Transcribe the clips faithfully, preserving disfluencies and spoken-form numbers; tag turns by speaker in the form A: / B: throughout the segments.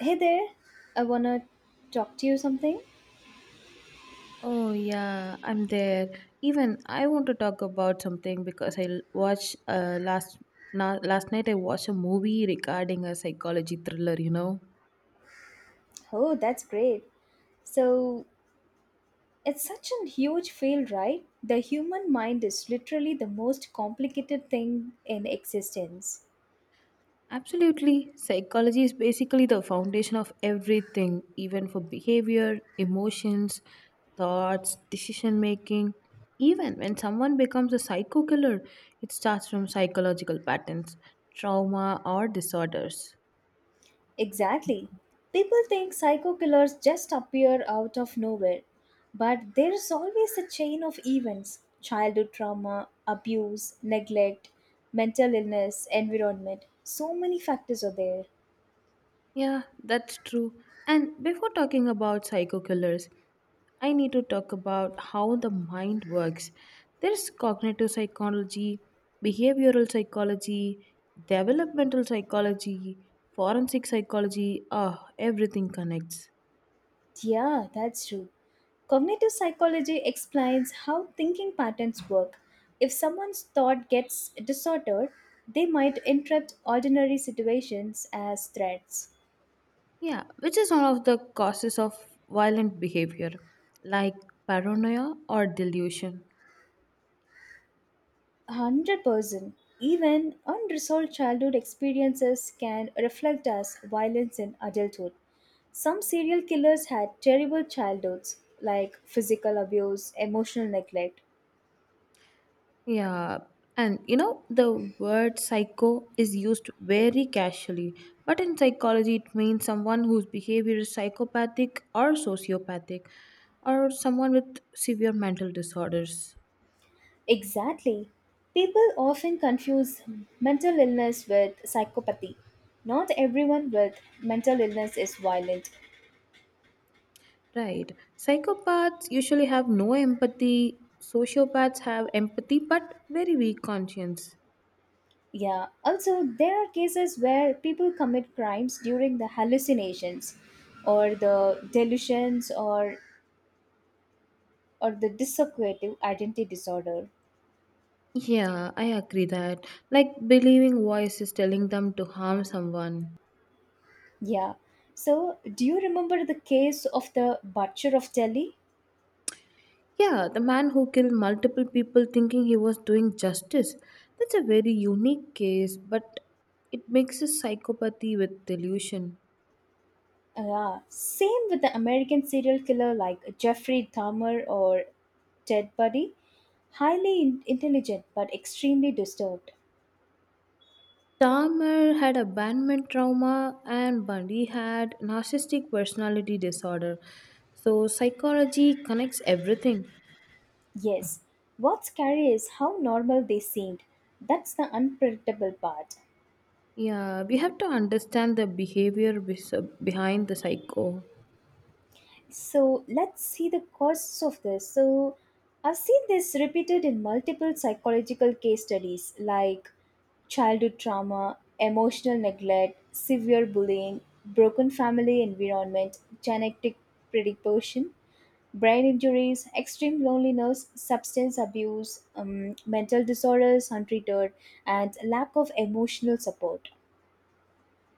A: Hey there, I wanna talk to you something.
B: Oh yeah, I'm there. Even I want to talk about something because I l- watched uh, last na- last night I watched a movie regarding a psychology thriller, you know.
A: Oh, that's great. So, it's such a huge field, right? The human mind is literally the most complicated thing in existence.
B: Absolutely. Psychology is basically the foundation of everything, even for behavior, emotions, thoughts, decision making. Even when someone becomes a psycho killer, it starts from psychological patterns, trauma or disorders.
A: Exactly. People think psycho killers just appear out of nowhere, but there's always a chain of events childhood trauma, abuse, neglect, mental illness, environment. So many factors are there.
B: Yeah, that's true. And before talking about psycho killers, I need to talk about how the mind works. There's cognitive psychology, behavioral psychology, developmental psychology, forensic psychology, Ah, Everything connects.
A: Yeah, that's true. Cognitive psychology explains how thinking patterns work. If someone's thought gets disordered, they might interpret ordinary situations as threats.
B: Yeah, which is one of the causes of violent behavior, like paranoia or delusion.
A: one hundred percent. Even unresolved childhood experiences can reflect as violence in adulthood. Some serial killers had terrible childhoods, like physical abuse, emotional neglect,
B: Yeah, and you know, the word psycho is used very casually, but in psychology, it means someone whose behavior is psychopathic or sociopathic, or someone with severe mental disorders.
A: Exactly. People often confuse mental illness with psychopathy. Not everyone with mental illness is violent.
B: Right. Psychopaths usually have no empathy, sociopaths have empathy but very weak conscience.
A: Yeah, also, there are cases where people commit crimes during the hallucinations or the delusions or, or the dissociative identity disorder.
B: Yeah, I agree that. Like believing voices telling them to harm someone.
A: Yeah, so do you remember the case of the butcher of Delhi?
B: Yeah, the man who killed multiple people thinking he was doing justice. That's a very unique case, but it mixes psychopathy with delusion.
A: Yeah, same with the American serial killer like Jeffrey Dahmer or Ted Bundy. Highly in- intelligent but extremely disturbed.
B: Dahmer had abandonment trauma, and Bundy had narcissistic personality disorder. So, psychology connects everything.
A: Yes, what's scary is how normal they seemed. That's the unpredictable part.
B: Yeah, we have to understand the behavior bes- behind the psycho.
A: So let's see the causes of this. So I've seen this repeated in multiple psychological case studies like childhood trauma, emotional neglect, severe bullying, broken family environment, genetic predisposition, brain injuries, extreme loneliness, substance abuse, um, mental disorders untreated, and lack of emotional support.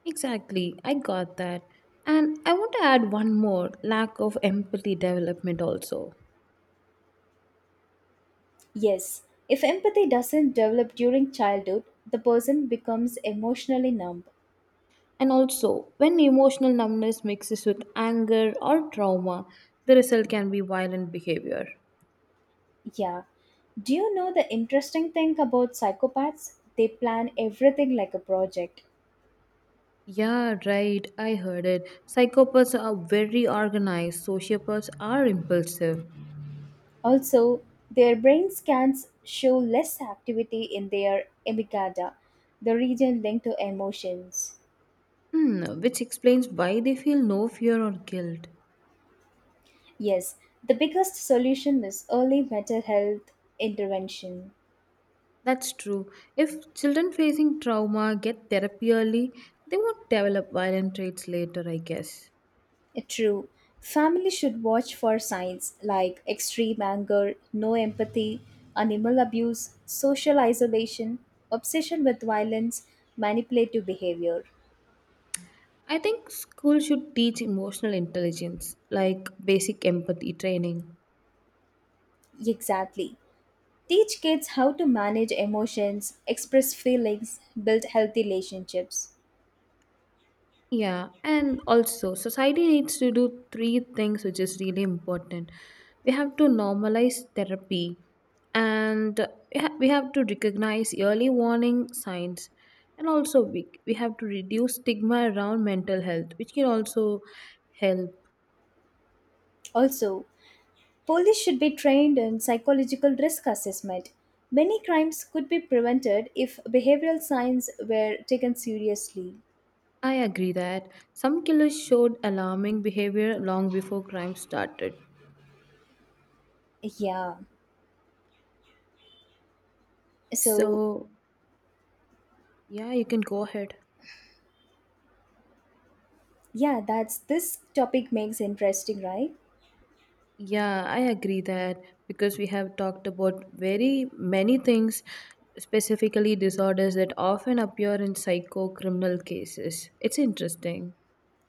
B: Exactly, I got that. And I want to add one more lack of empathy development also.
A: Yes, if empathy doesn't develop during childhood, the person becomes emotionally numb
B: And also, when emotional numbness mixes with anger or trauma, the result can be violent behavior.
A: Yeah. Do you know the interesting thing about psychopaths? They plan everything like a project.
B: Yeah, right, I heard it. Psychopaths are very organized, sociopaths are impulsive.
A: Also, their brain scans show less activity in their amygdala, the region linked to emotions.
B: Hmm, which explains why they feel no fear or guilt.
A: Yes, the biggest solution is early mental health intervention.
B: That's true. If children facing trauma get therapy early, they won't develop violent traits later, I guess.
A: Eh, True. Family should watch for signs like extreme anger, no empathy, animal abuse, social isolation, obsession with violence, manipulative behavior.
B: I think school should teach emotional intelligence, like basic empathy training.
A: Exactly. Teach kids how to manage emotions, express feelings, build healthy relationships.
B: Yeah, and also society needs to do three things which is really important. We have to normalize therapy and we ha- we have to recognize early warning signs and also we, we have to reduce stigma around mental health which can also help.
A: Also, police should be trained in psychological risk assessment. Many crimes could be prevented if behavioral science were taken seriously.
B: I agree that some killers showed alarming behavior long before crime started.
A: Yeah. So,
B: So, yeah, you can go ahead.
A: Yeah, that's this topic makes interesting, right?
B: Yeah, I agree that because we have talked about very many things, specifically disorders that often appear in psycho criminal cases. It's interesting.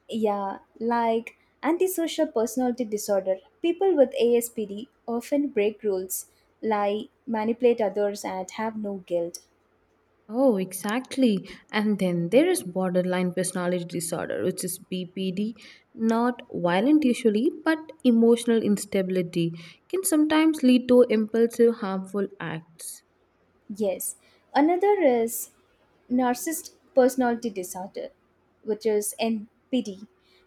A: Yeah, like antisocial personality disorder. People with A S P D often break rules, lie, manipulate others and have no guilt.
B: Oh, exactly. And then there is borderline personality disorder, which is B P D, not violent usually, but emotional instability can sometimes lead to impulsive, harmful acts.
A: Yes. Another is narcissist personality disorder, which is N P D.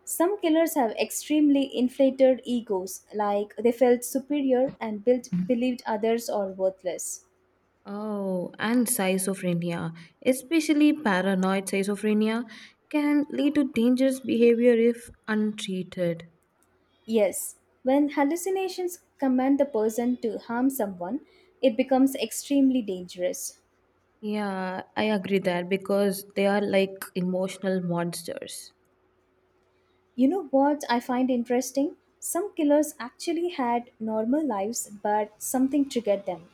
A: Some killers have extremely inflated egos, like they felt superior and built, believed others are worthless.
B: Oh, and schizophrenia, especially paranoid schizophrenia, can lead to dangerous behavior if untreated.
A: Yes, when hallucinations command the person to harm someone, it becomes extremely dangerous.
B: Yeah, I agree that because they are like emotional monsters.
A: You know what I find interesting? Some killers actually had normal lives, but something triggered them.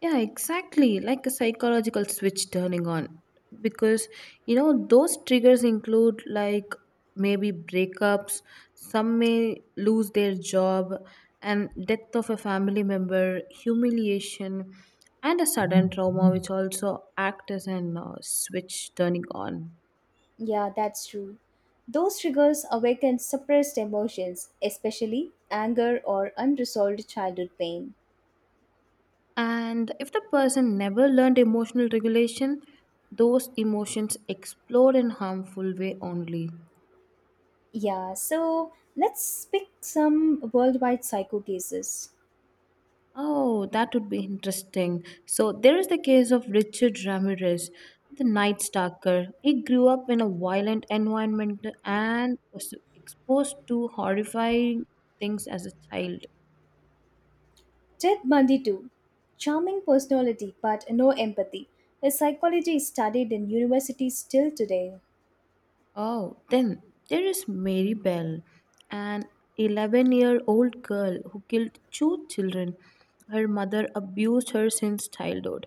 B: Yeah, exactly. Like a psychological switch turning on. Because, you know, those triggers include like maybe breakups, some may lose their job, and death of a family member, humiliation, and a sudden trauma, which also act as an uh, switch turning on.
A: Yeah, that's true. Those triggers awaken suppressed emotions, especially anger or unresolved childhood pain.
B: And if the person never learned emotional regulation, those emotions explode in harmful way only.
A: Yeah, so let's pick some worldwide psycho cases.
B: Oh, that would be interesting. So there is the case of Richard Ramirez, the night stalker. He grew up in a violent environment and was exposed to horrifying things as a child.
A: Ted Bundy, too. Charming personality but no empathy. His psychology is studied in universities still today.
B: Oh, then there is Mary Bell, an eleven year old girl who killed two children. Her mother abused her since childhood.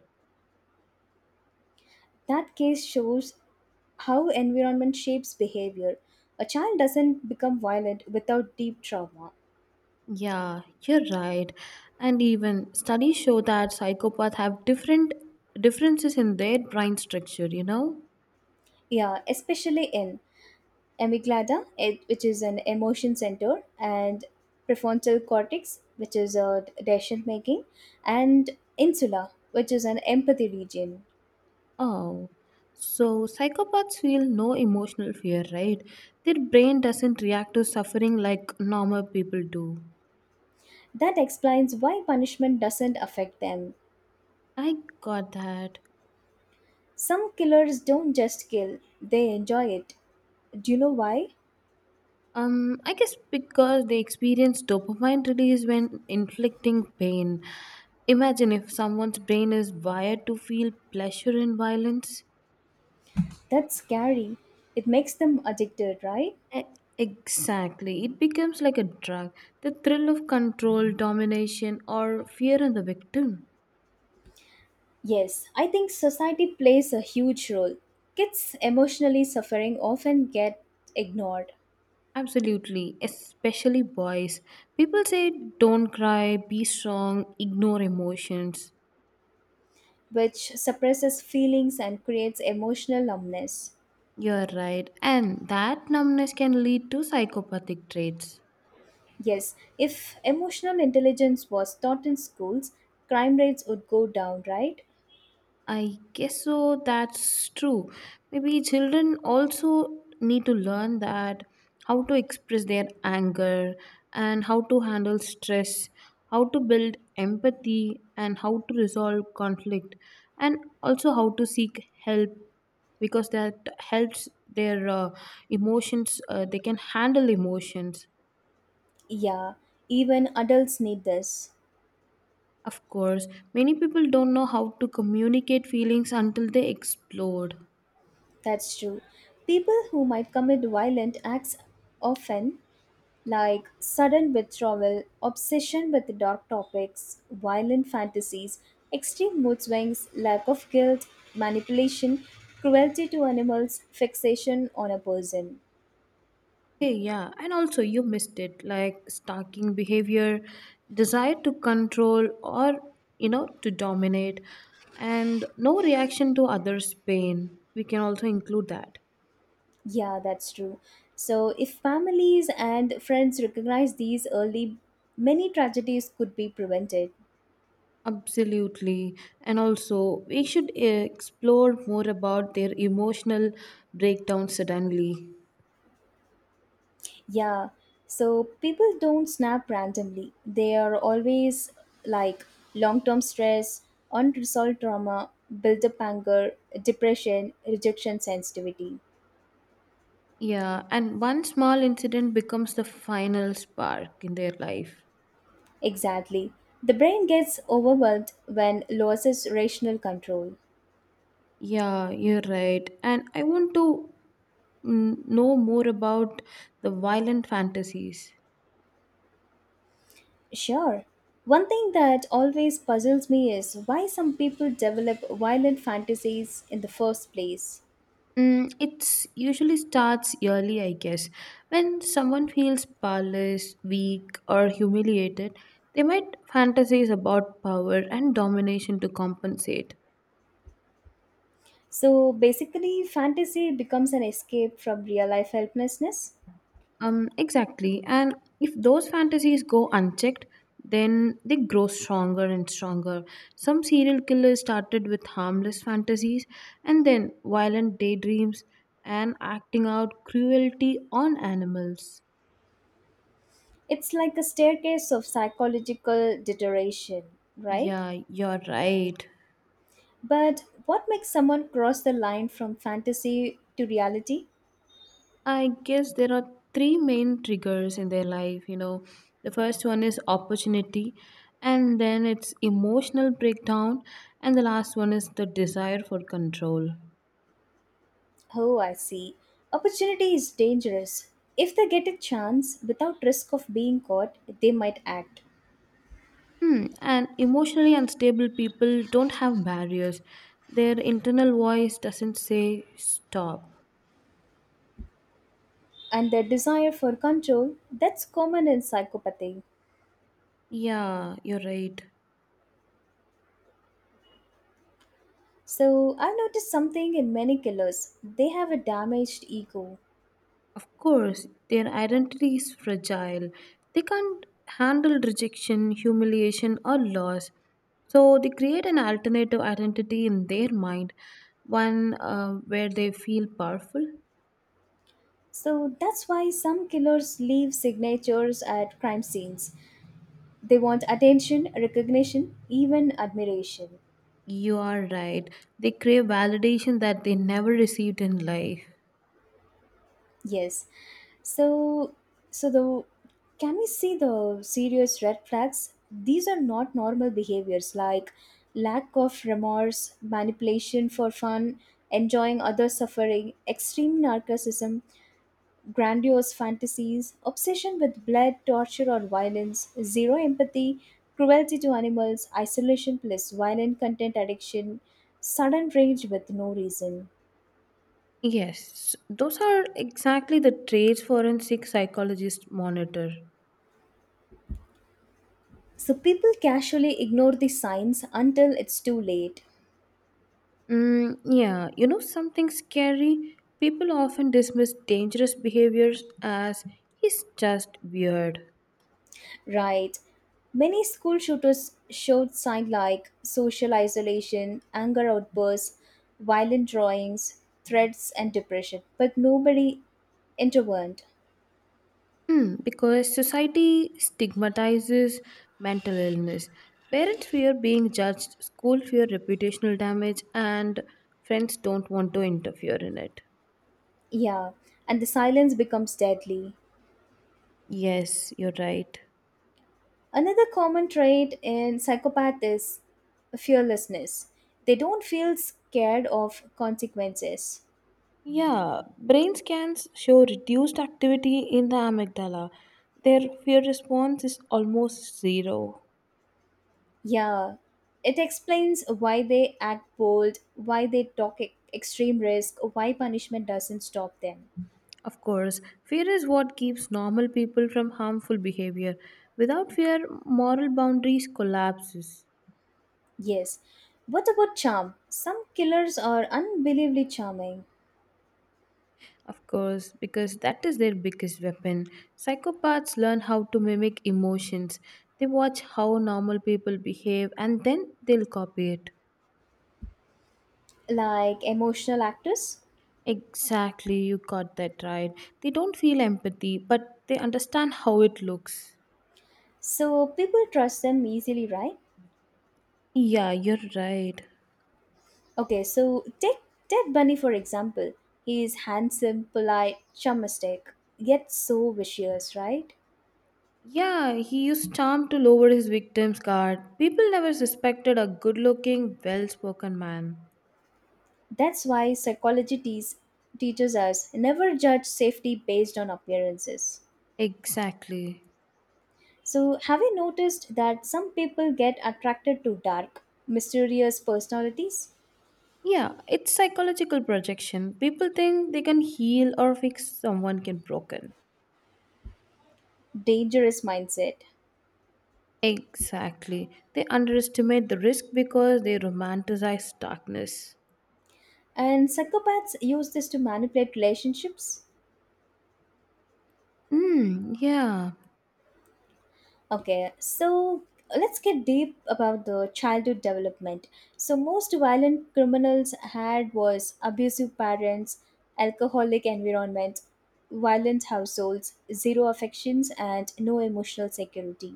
A: That case shows how environment shapes behavior. A child doesn't become violent without deep trauma.
B: Yeah, you're right. And even studies show that psychopaths have different differences in their brain structure, you know?
A: Yeah, especially in amygdala, it- which is an emotion center, and prefrontal cortex, which is a decision making, and insula, which is an empathy region.
B: Oh, so psychopaths feel no emotional fear, right? Their brain doesn't react to suffering like normal people do.
A: That explains why punishment doesn't affect them.
B: I got that.
A: Some killers don't just kill, they enjoy it. Do you know why?
B: Um, I guess because they experience dopamine release when inflicting pain. Imagine if someone's brain is wired to feel pleasure in violence.
A: That's scary. It makes them addicted, right?
B: E- Exactly. It becomes like a drug. The thrill of control, domination, or fear in the victim.
A: Yes, I think society plays a huge role. Kids emotionally suffering often get ignored,
B: Absolutely. Especially boys. People say, don't cry, be strong, ignore emotions.
A: which suppresses feelings and creates emotional numbness.
B: You're right. And that numbness can lead to psychopathic traits.
A: Yes, if emotional intelligence was taught in schools, crime rates would go down, right?
B: I guess so. That's true. Maybe children also need to learn that how to express their anger and how to handle stress, how to build empathy, and how to resolve conflict, and also how to seek help because that helps their uh, emotions. Uh, they can handle emotions.
A: Yeah, even adults need this.
B: Of course, many people don't know how to communicate feelings until they explode.
A: That's true. People who might commit violent acts often, like sudden withdrawal, obsession with dark topics, violent fantasies, extreme mood swings, lack of guilt, manipulation, cruelty to animals, fixation on a person.
B: Hey, yeah, and also you missed it like stalking behavior, desire to control or you know to dominate, and no reaction to others' pain. We can also include that.
A: Yeah, that's true. So, if families and friends recognize these early, many tragedies could be prevented.
B: Absolutely, and also we should eh, explore more about their emotional breakdown suddenly.
A: Yeah, so people don't snap randomly. They are always like long term stress, unresolved trauma, build up anger, depression, rejection sensitivity.
B: Yeah, and one small incident becomes the final spark in their life.
A: Exactly. The brain gets overwhelmed when loses rational control.
B: Yeah, you're right. And I want to mm, know more about the violent fantasies.
A: Sure. One thing that always puzzles me is why some people develop violent fantasies in the first place.
B: Mm, it's usually starts early, I guess. When someone feels powerless, weak, or humiliated, they might fantasize about power and domination to compensate.
A: So basically, fantasy becomes an escape from real life helplessness.
B: Um, exactly. And if those fantasies go unchecked, then they grow stronger and stronger. Some serial killers started with harmless fantasies and then violent daydreams and acting out cruelty on animals.
A: It's like a staircase of psychological deterioration, right?
B: Yeah, you're right.
A: But what makes someone cross the line from fantasy to reality?
B: I guess there are three main triggers in their life. You know, the first one is opportunity, and then it's emotional breakdown, and the last one is the desire for control.
A: Oh, I see. Opportunity is dangerous. If they get a chance without risk of being caught, they might act.
B: Hmm. And emotionally unstable people don't have barriers. Their internal voice doesn't say stop.
A: And their desire for control, that's common in psychopathy.
B: Yeah, you're right.
A: So, I've noticed something in many killers. They have a damaged ego.
B: Of course, their identity is fragile. They can't handle rejection, humiliation, or loss. So they create an alternative identity in their mind, one uh, where they feel powerful.
A: So, that's why some killers leave signatures at crime scenes. They want attention, recognition, even admiration.
B: You are right. They crave validation that they never received in life.
A: Yes. So, so the can we see the serious red flags? These are not normal behaviors like lack of remorse, manipulation for fun, enjoying others' suffering, extreme narcissism, grandiose fantasies, obsession with blood, torture, or violence, zero empathy, cruelty to animals, isolation plus violent content addiction, sudden rage with no reason.
B: Yes, those are exactly the traits forensic psychologists monitor.
A: So people casually ignore the signs until it's too late.
B: Mm, yeah, you know something scary? People often dismiss dangerous behaviors as he's just weird.
A: Right. Many school shooters showed signs like social isolation, anger outbursts, violent drawings, threats, and depression, but nobody intervened.
B: Hmm, because society stigmatizes mental illness. Parents fear being judged, school fear reputational damage, and friends don't want to interfere in it.
A: Yeah, and the silence becomes deadly.
B: Yes, you're right.
A: Another common trait in psychopath is fearlessness. They don't feel scared of consequences.
B: Yeah, brain scans show reduced activity in the amygdala. Their fear response is almost zero.
A: Yeah, it explains why they act bold, why they talk e- extreme risk, why punishment doesn't stop them.
B: Of course, fear is what keeps normal people from harmful behavior. Without fear, moral boundaries collapses.
A: Yes. What about charm? Some killers are unbelievably charming,
B: Of course, because that is their biggest weapon. Psychopaths learn how to mimic emotions. They watch how normal people behave and then they'll copy it.
A: like emotional actors.
B: Exactly, you got that right. They don't feel empathy, but they understand how it looks.
A: So people trust them easily, right?
B: Yeah, you're right.
A: Okay, so take Ted Bunny for example. He is handsome, polite, charmistic, yet so vicious, right?
B: Yeah, he used charm to lower his victim's guard. People never suspected a good looking, well spoken man.
A: That's why psychology teas teaches us never judge safety based on appearances.
B: Exactly.
A: So, have you noticed that some people get attracted to dark, mysterious personalities,
B: Yeah, it's psychological projection. People think they can heal or fix someone can broken.
A: dangerous mindset?
B: Exactly. They underestimate the risk because they romanticize darkness.
A: And psychopaths use this to manipulate relationships
B: Mm, yeah.
A: Okay, so let's get deep about the childhood development. So most violent criminals had was abusive parents, alcoholic environments, violent households, zero affections and no emotional security.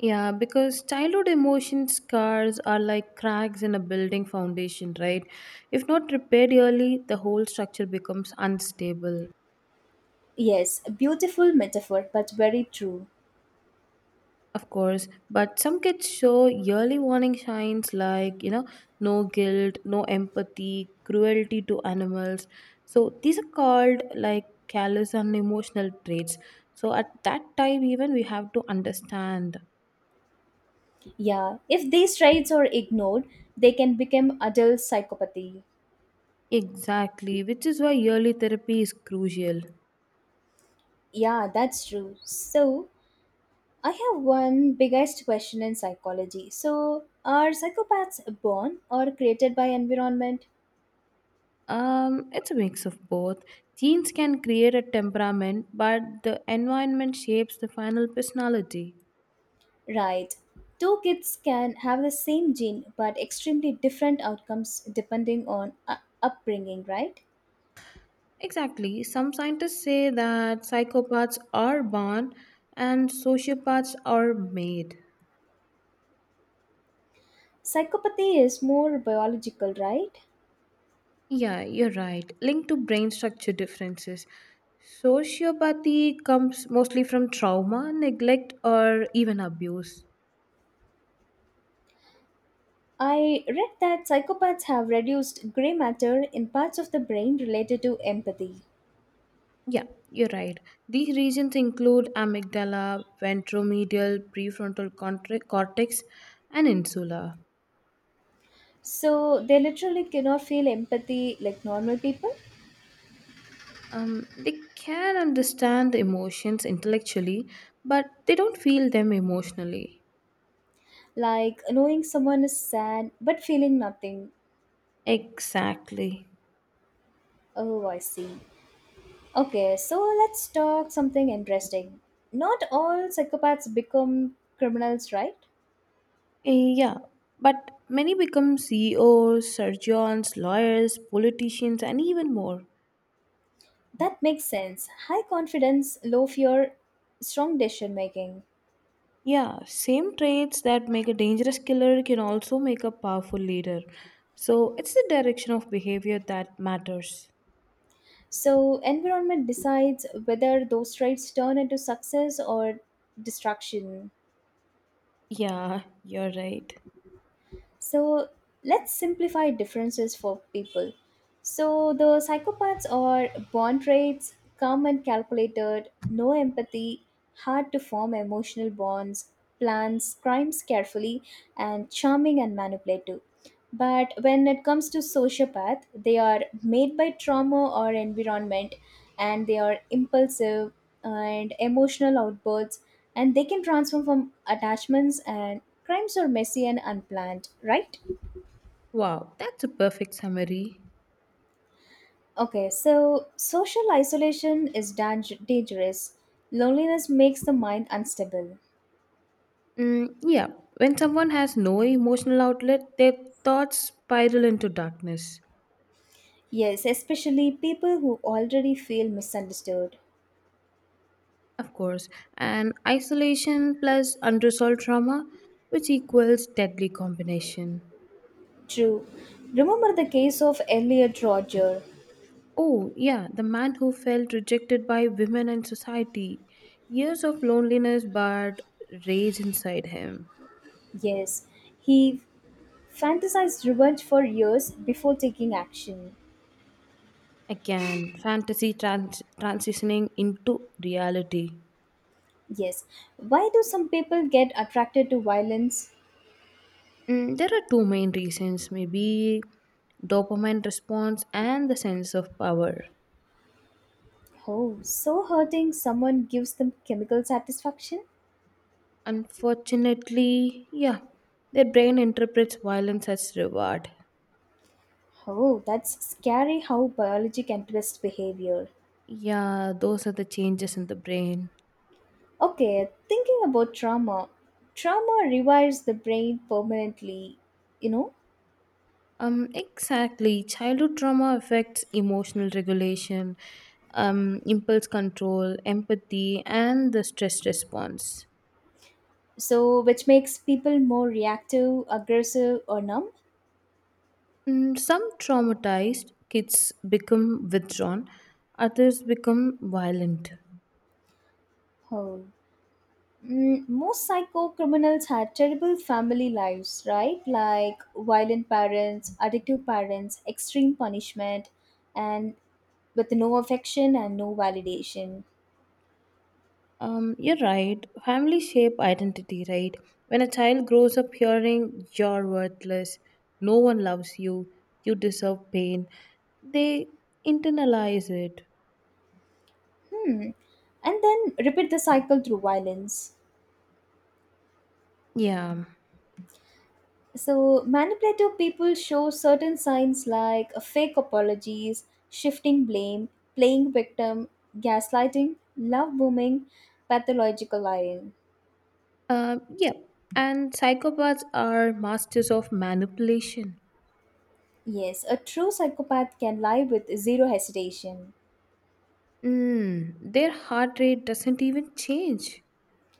B: Yeah, because childhood emotion scars are like cracks in a building foundation, right? If not repaired early, the whole structure becomes unstable,
A: Yes, a beautiful metaphor but very true.
B: of course. But some kids show yearly warning signs like, you know, no guilt, no empathy, cruelty to animals. So these are called like callous and emotional traits. So at that time, even we have to understand
A: Yeah, if these traits are ignored, they can become adult psychopathy.
B: exactly, which is why yearly therapy is crucial.
A: Yeah, that's true. So, I have one biggest question in psychology. So, are psychopaths born or created by environment?
B: Um, it's a mix of both. Genes can create a temperament, but the environment shapes the final personality.
A: Right. Two kids can have the same gene but extremely different outcomes depending on uh, upbringing, right?
B: Exactly. Some scientists say that psychopaths are born and sociopaths are made.
A: Psychopathy is more biological, right?
B: Yeah, you're right. Linked to brain structure differences. Sociopathy comes mostly from trauma, neglect, or even abuse.
A: I read that psychopaths have reduced gray matter in parts of the brain related to empathy.
B: Yeah, you're right. These regions include amygdala, ventromedial, prefrontal contra- cortex, and insula.
A: So, they literally cannot feel empathy like normal people?
B: Um, they can understand the emotions intellectually, but they don't feel them emotionally.
A: like knowing someone is sad but feeling nothing.
B: Exactly.
A: Oh, I see. Okay, so let's talk something interesting. Not all psychopaths become criminals, right?
B: Eh, Yeah, but many become C E Os, surgeons, lawyers, politicians, and even more.
A: That makes sense. High confidence, low fear, strong decision making.
B: Yeah, same traits that make a dangerous killer can also make a powerful leader. So it's the direction of behavior that matters.
A: So, environment decides whether those traits turn into success or destruction.
B: Yeah, you're right.
A: So let's simplify differences for people. So the psychopaths are born traits, calm and calculated, no empathy, hard to form emotional bonds, plans crimes carefully, and charming and manipulative. But when it comes to sociopath, they are made by trauma or environment and they are impulsive, and emotional outbursts and they can transform from attachments and crimes are messy and unplanned, right?
B: Wow, that's a perfect summary.
A: Okay, so social isolation is dang- dangerous. Loneliness makes the mind unstable.
B: Mm, yeah, when someone has no emotional outlet, their thoughts spiral into darkness.
A: Yes, especially people who already feel misunderstood.
B: Of course, and isolation plus unresolved trauma, which equals deadly combination.
A: True. Remember the case of Elliot Roger.
B: Oh, yeah, the man who felt rejected by women and society. Years of loneliness but rage inside him.
A: Yes, he fantasized revenge for years before taking action.
B: Again, fantasy trans- transitioning into reality.
A: Yes, why do some people get attracted to violence?
B: Mm, there are two main reasons maybe dopamine response and the sense of power.
A: Oh, so hurting someone gives them chemical satisfaction?
B: Unfortunately, yeah, their brain interprets violence as reward.
A: Oh, that's scary how biology can twist behavior.
B: Yeah, those are the changes in the brain.
A: Okay, thinking about trauma. Trauma rewires the brain permanently, you know?
B: Um, exactly. Childhood trauma affects emotional regulation, um, impulse control, empathy, and the stress response.
A: So, which makes people more reactive, aggressive, or numb?
B: Mm, some traumatized kids become withdrawn, others become violent.
A: Oh. Mm, most psycho criminals had terrible family lives, right? Like violent parents, addictive parents, extreme punishment, and with no affection and no validation.
B: Um, you're right. Family shape identity, right? When a child grows up hearing you're worthless, no one loves you, you deserve pain, they internalize it.
A: Hmm. And then repeat the cycle through violence.
B: Yeah.
A: So, manipulative people show certain signs like uh, fake apologies, shifting blame, playing victim, gaslighting, love bombing, pathological lying.
B: Uh, yeah, and psychopaths are masters of manipulation.
A: Yes, a true psychopath can lie with zero hesitation.
B: Mm, their heart rate doesn't even change,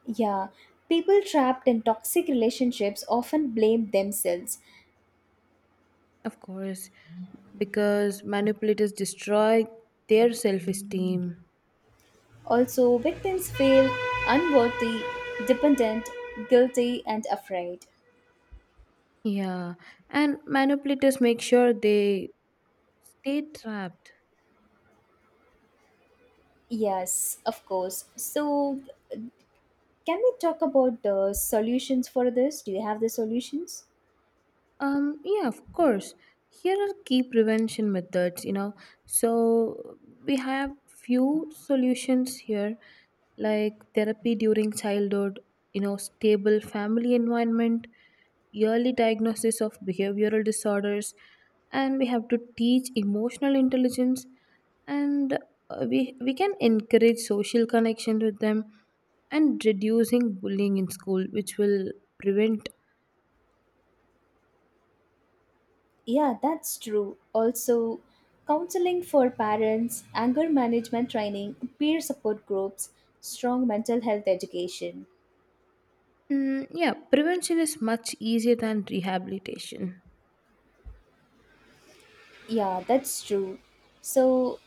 A: Yeah, people trapped in toxic relationships often blame themselves.
B: of course, because manipulators destroy their self esteem.
A: Also, victims feel unworthy, dependent, guilty, and afraid.
B: Yeah, and manipulators make sure they stay trapped.
A: Yes, of course. So, can we talk about the solutions for this? Do you have the solutions?
B: Um, yeah, of course. Here are key prevention methods, you know. So we have few solutions here, like therapy during childhood, you know, stable family environment, early diagnosis of behavioral disorders, and we have to teach emotional intelligence and uh, we we can encourage social connection with them and reducing bullying in school which will prevent.
A: Yeah, that's true. Also, counseling for parents, anger management training, peer support groups, strong mental health education.
B: Mm, yeah, prevention is much easier than rehabilitation.
A: Yeah, that's true. So,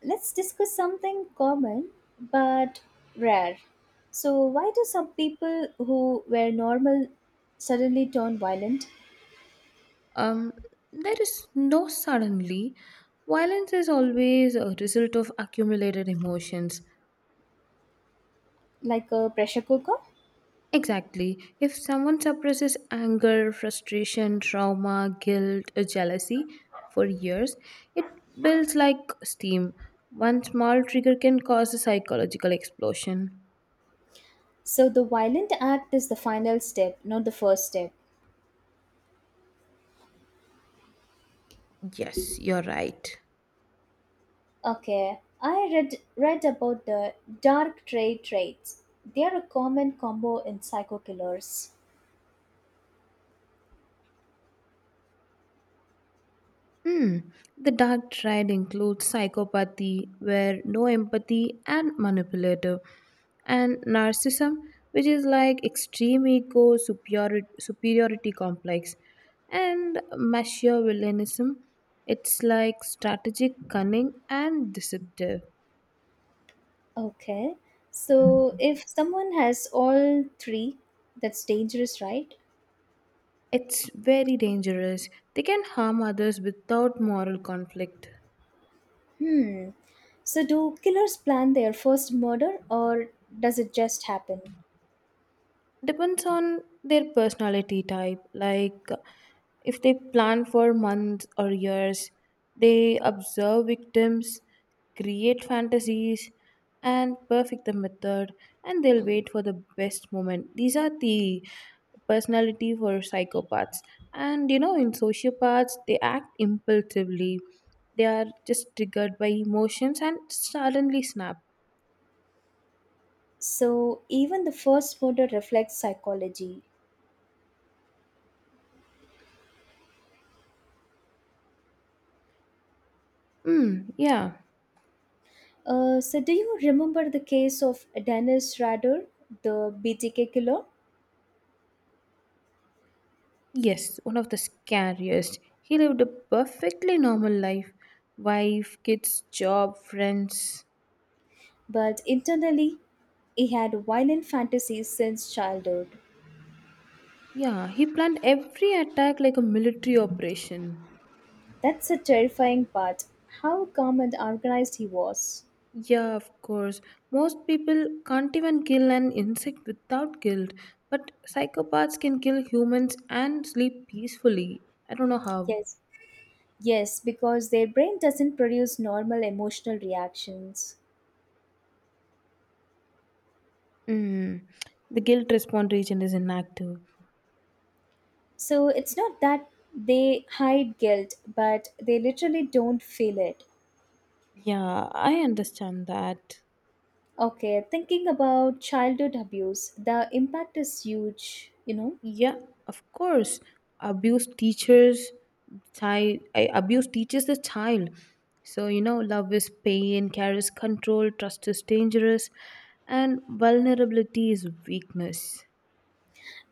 A: let's discuss something common but rare. So, why do some people who were normal suddenly turn violent,
B: Um, there is no suddenly. Violence is always a result of accumulated emotions.
A: like a pressure cooker?
B: Exactly. If someone suppresses anger, frustration, trauma, guilt, or jealousy for years, it builds like steam. One small trigger can cause a psychological explosion.
A: So, the violent act is the final step, not the first step.
B: Yes, you're right.
A: Okay, I read read about the dark trait traits. They are a common combo in psycho killers.
B: Hmm. The dark triad includes psychopathy, where no empathy and manipulative, and narcissism, which is like extreme ego, superiority, superiority complex, and machiavellianism. It's like strategic cunning and deceptive.
A: Okay, so if someone has all three, that's dangerous, right?
B: It's very dangerous. They can harm others without moral conflict.
A: Hmm. So, do killers plan their first murder or does it just happen?
B: Depends on their personality type. Like if they plan for months or years, they observe victims, create fantasies, and perfect the method, and they'll wait for the best moment. These are the personality for psychopaths. And you know, in sociopaths, they act impulsively. They are just triggered by emotions and suddenly snap.
A: So, even the first murder reflects psychology.
B: Mm, yeah.
A: Uh, so, do you remember the case of Dennis Rader, the B T K killer?
B: Yes, one of the scariest. He lived a perfectly normal life, wife, kids, job, friends.
A: But internally, he had violent fantasies since childhood.
B: Yeah, he planned every attack like a military operation.
A: That's a terrifying part. How calm and organized he was.
B: Yeah, of course. Most people can't even kill an insect without guilt, but psychopaths can kill humans and sleep peacefully. I don't know how.
A: Yes. Yes, because their brain doesn't produce normal emotional reactions.
B: Mm. The guilt response region is inactive.
A: So it's not that they hide guilt, but they literally don't feel it.
B: Yeah, I understand that.
A: Okay, thinking about childhood abuse, the impact is huge, you know,
B: Yeah, of course. Abuse teachers child I- Abuse teaches the child. So you know, love is pain, care is control, trust is dangerous, and vulnerability is weakness.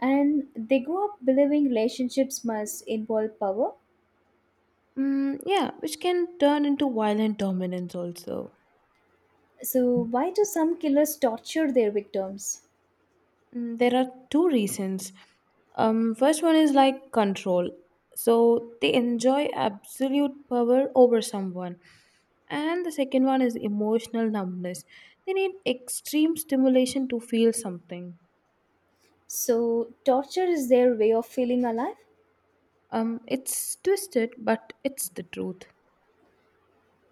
A: and they grow up believing relationships must involve power.
B: Mm, yeah, which can turn into violent dominance also.
A: So, why do some killers torture their victims?
B: Mm, there are two reasons. Um, first one is like control. So they enjoy absolute power over someone. And the second one is emotional numbness. They need extreme stimulation to feel something.
A: So, torture is their way of feeling alive.
B: Um, it's twisted, but it's the truth.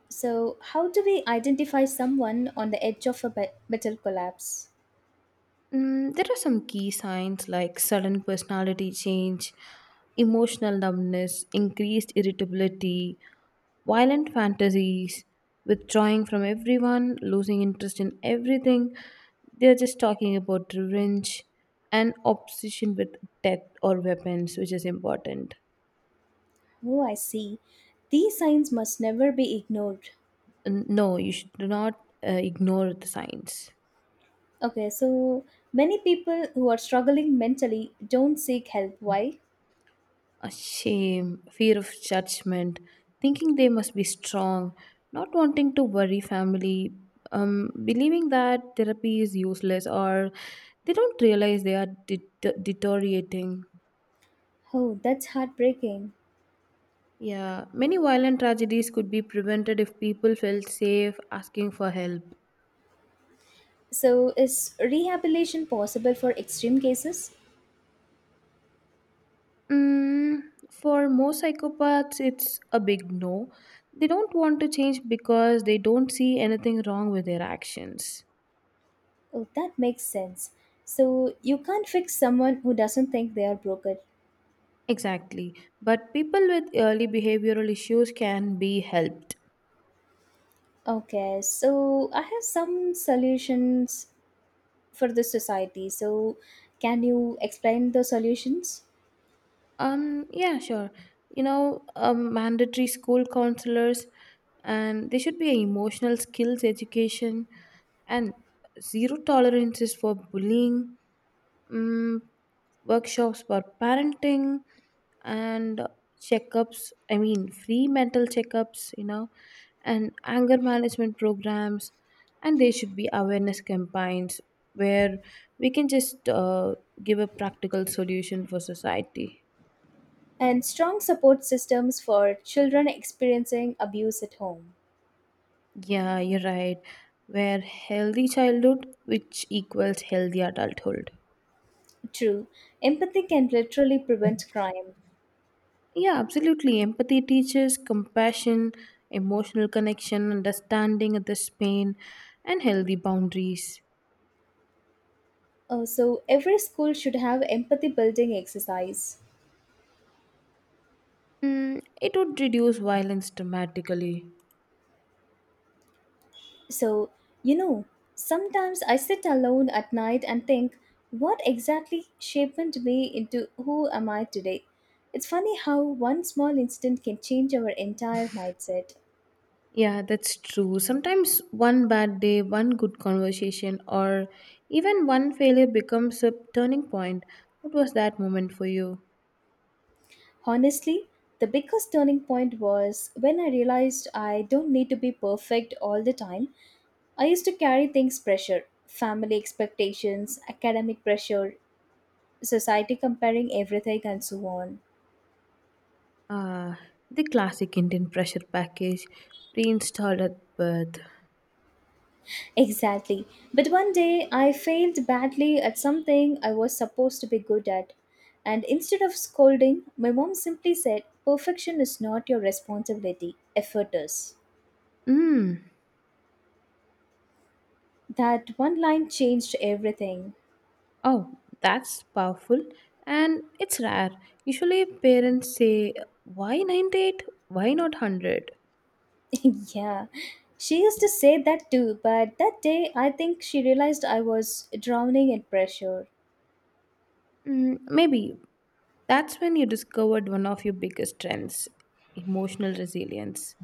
A: So, how do we identify someone on the edge of a be- mental collapse?
B: Mm, there are some key signs like sudden personality change, emotional numbness, increased irritability, violent fantasies, withdrawing from everyone, losing interest in everything. They're just talking about revenge and obsession with death or weapons, which is important.
A: Oh, I see. These signs must never be ignored.
B: N- No, you should not uh, ignore the signs.
A: Okay, so many people who are struggling mentally don't seek help. Why?
B: A shame, fear of judgment, thinking they must be strong, not wanting to worry family, um, believing that therapy is useless, or they don't realize they are det- deteriorating.
A: Oh, that's heartbreaking.
B: Yeah, many violent tragedies could be prevented if people felt safe asking for help.
A: So, is rehabilitation possible for extreme cases?
B: Mm, for most psychopaths, it's a big no. They don't want to change because they don't see anything wrong with their actions.
A: Oh, that makes sense. So, you can't fix someone who doesn't think they are broken.
B: Exactly. But people with early behavioral issues can be helped.
A: Okay, so I have some solutions for the society. So, can you explain the solutions?
B: Um, yeah, sure. You know, um, mandatory school counselors, and there should be a emotional skills education and zero tolerances for bullying, um, workshops for parenting, and checkups. I mean, free mental checkups, you know, and anger management programs, and there should be awareness campaigns where we can just uh, give a practical solution for society.
A: And strong support systems for children experiencing abuse at home.
B: Yeah, you're right. Where healthy childhood, which equals healthy adulthood.
A: True. Empathy can literally prevent crime.
B: Yeah, absolutely. Empathy teaches compassion, emotional connection, understanding others' pain, and healthy boundaries.
A: Uh, so, every school should have empathy building exercise.
B: Mm, it would reduce violence dramatically.
A: So, you know, sometimes I sit alone at night and think, what exactly shaped me into who am I today? It's funny how one small incident can change our entire mindset.
B: Yeah, that's true. Sometimes one bad day, one good conversation, or even one failure becomes a turning point. What was that moment for you?
A: Honestly, the biggest turning point was when I realized I don't need to be perfect all the time I used to carry things pressure, family expectations, academic pressure, society comparing everything, and so on.
B: Uh, the classic Indian pressure package, pre-installed at birth.
A: Exactly. But one day I failed badly at something I was supposed to be good at. And instead of scolding, my mom simply said, "Perfection is not your responsibility, effort is."
B: Mm.
A: That one line changed everything.
B: Oh, that's powerful and it's rare. Usually parents say, why ninety-eight? Why not one hundred?
A: Yeah. She used to say that too, but that day I think she realized I was drowning in pressure.
B: Mm, maybe that's when you discovered one of your biggest strengths, emotional resilience.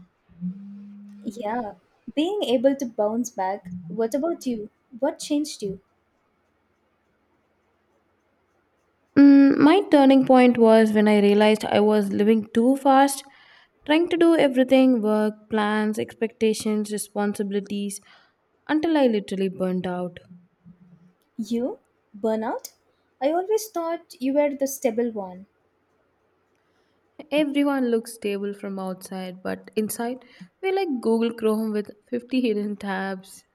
A: Yeah, being able to bounce back. What about you? What changed you?
B: Mm, my turning point was when I realized I was living too fast, trying to do everything, work, plans, expectations, responsibilities, until I literally burnt out.
A: You? Burnout? I always thought you were the stable one.
B: Everyone looks stable from outside, but inside, we're like Google Chrome with fifty hidden tabs.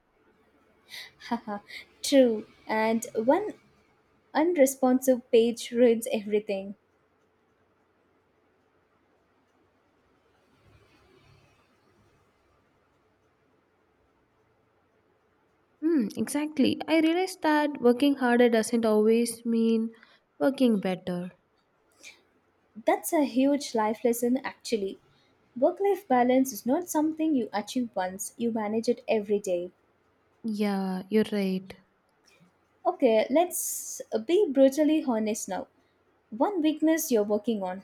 A: Haha, true. And one unresponsive page ruins everything.
B: Hmm, exactly. I realized that working harder doesn't always mean working better.
A: That's a huge life lesson, actually. Work life balance is not something you achieve once, you manage it every day.
B: Yeah, you're right.
A: Okay, let's be brutally honest now. One weakness you're working on.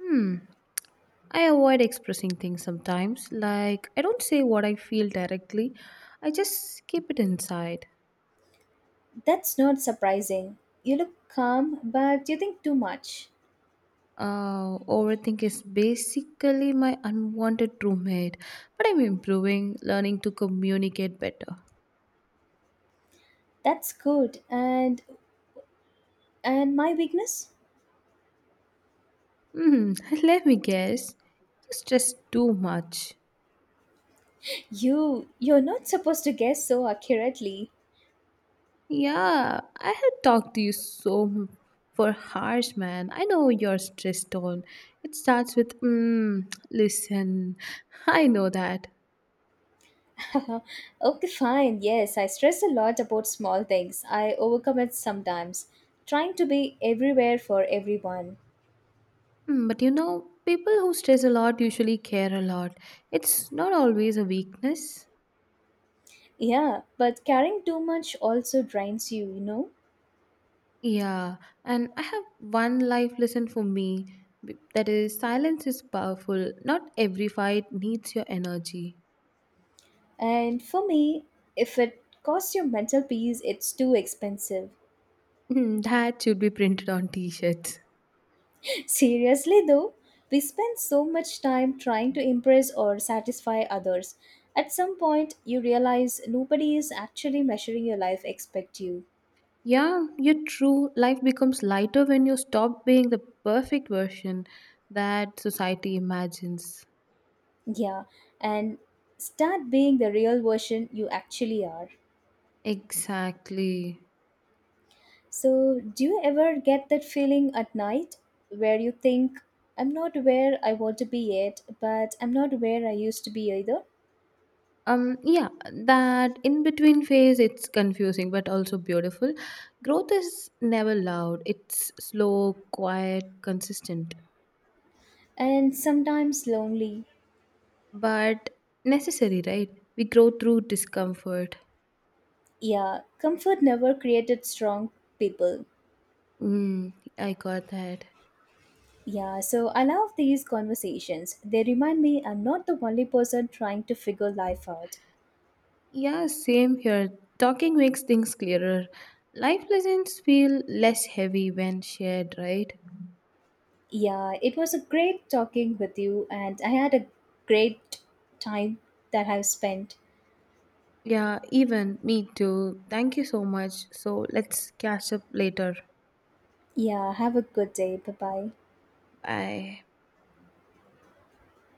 B: Hmm. I avoid expressing things sometimes. Like, I don't say what I feel directly, I just keep it inside.
A: That's not surprising. You look calm, but you think too much.
B: Uh, overthink is basically my unwanted roommate, but I'm improving, learning to communicate better.
A: That's good. And and my weakness?
B: Hmm, let me guess. You stress too much.
A: You you're not supposed to guess so accurately.
B: Yeah, I had talked to you so m- for hours, man. I know your stress tone. It starts with, mm, listen. I know that.
A: Okay, fine. Yes, I stress a lot about small things. I overcommit sometimes, trying to be everywhere for everyone.
B: Hmm, but you know, people who stress a lot usually care a lot. It's not always a weakness.
A: Yeah, but caring too much also drains you, you know?
B: Yeah, and I have one life lesson for me, b- that is, silence is powerful. Not every fight needs your energy.
A: And for me, if it costs your mental peace, it's too expensive.
B: Hmm, that should be printed on t shirts.
A: Seriously, though, we spend so much time trying to impress or satisfy others. At some point, you realize nobody is actually measuring your life except you.
B: Yeah, you're true. Life becomes lighter when you stop being the perfect version that society imagines.
A: Yeah, and start being the real version you actually are.
B: Exactly.
A: So, do you ever get that feeling at night where you think, I'm not where I want to be yet, but I'm not where I used to be either?
B: um yeah, that in between phase, it's confusing but also beautiful. Growth is never loud, it's slow, quiet, consistent,
A: And sometimes lonely.
B: but necessary, right? We grow through discomfort.
A: Yeah, comfort never created strong people.
B: mm, I got that.
A: Yeah, so I love these conversations. They remind me I'm not the only person trying to figure life out.
B: Yeah, same here. Talking makes things clearer. Life lessons feel less heavy when shared, right?
A: Yeah, it was a great talking with you, and I had a great time that I've spent.
B: Yeah, even me too. Thank you so much. So let's catch up later.
A: Yeah, have a good day. Bye bye.
B: Bye.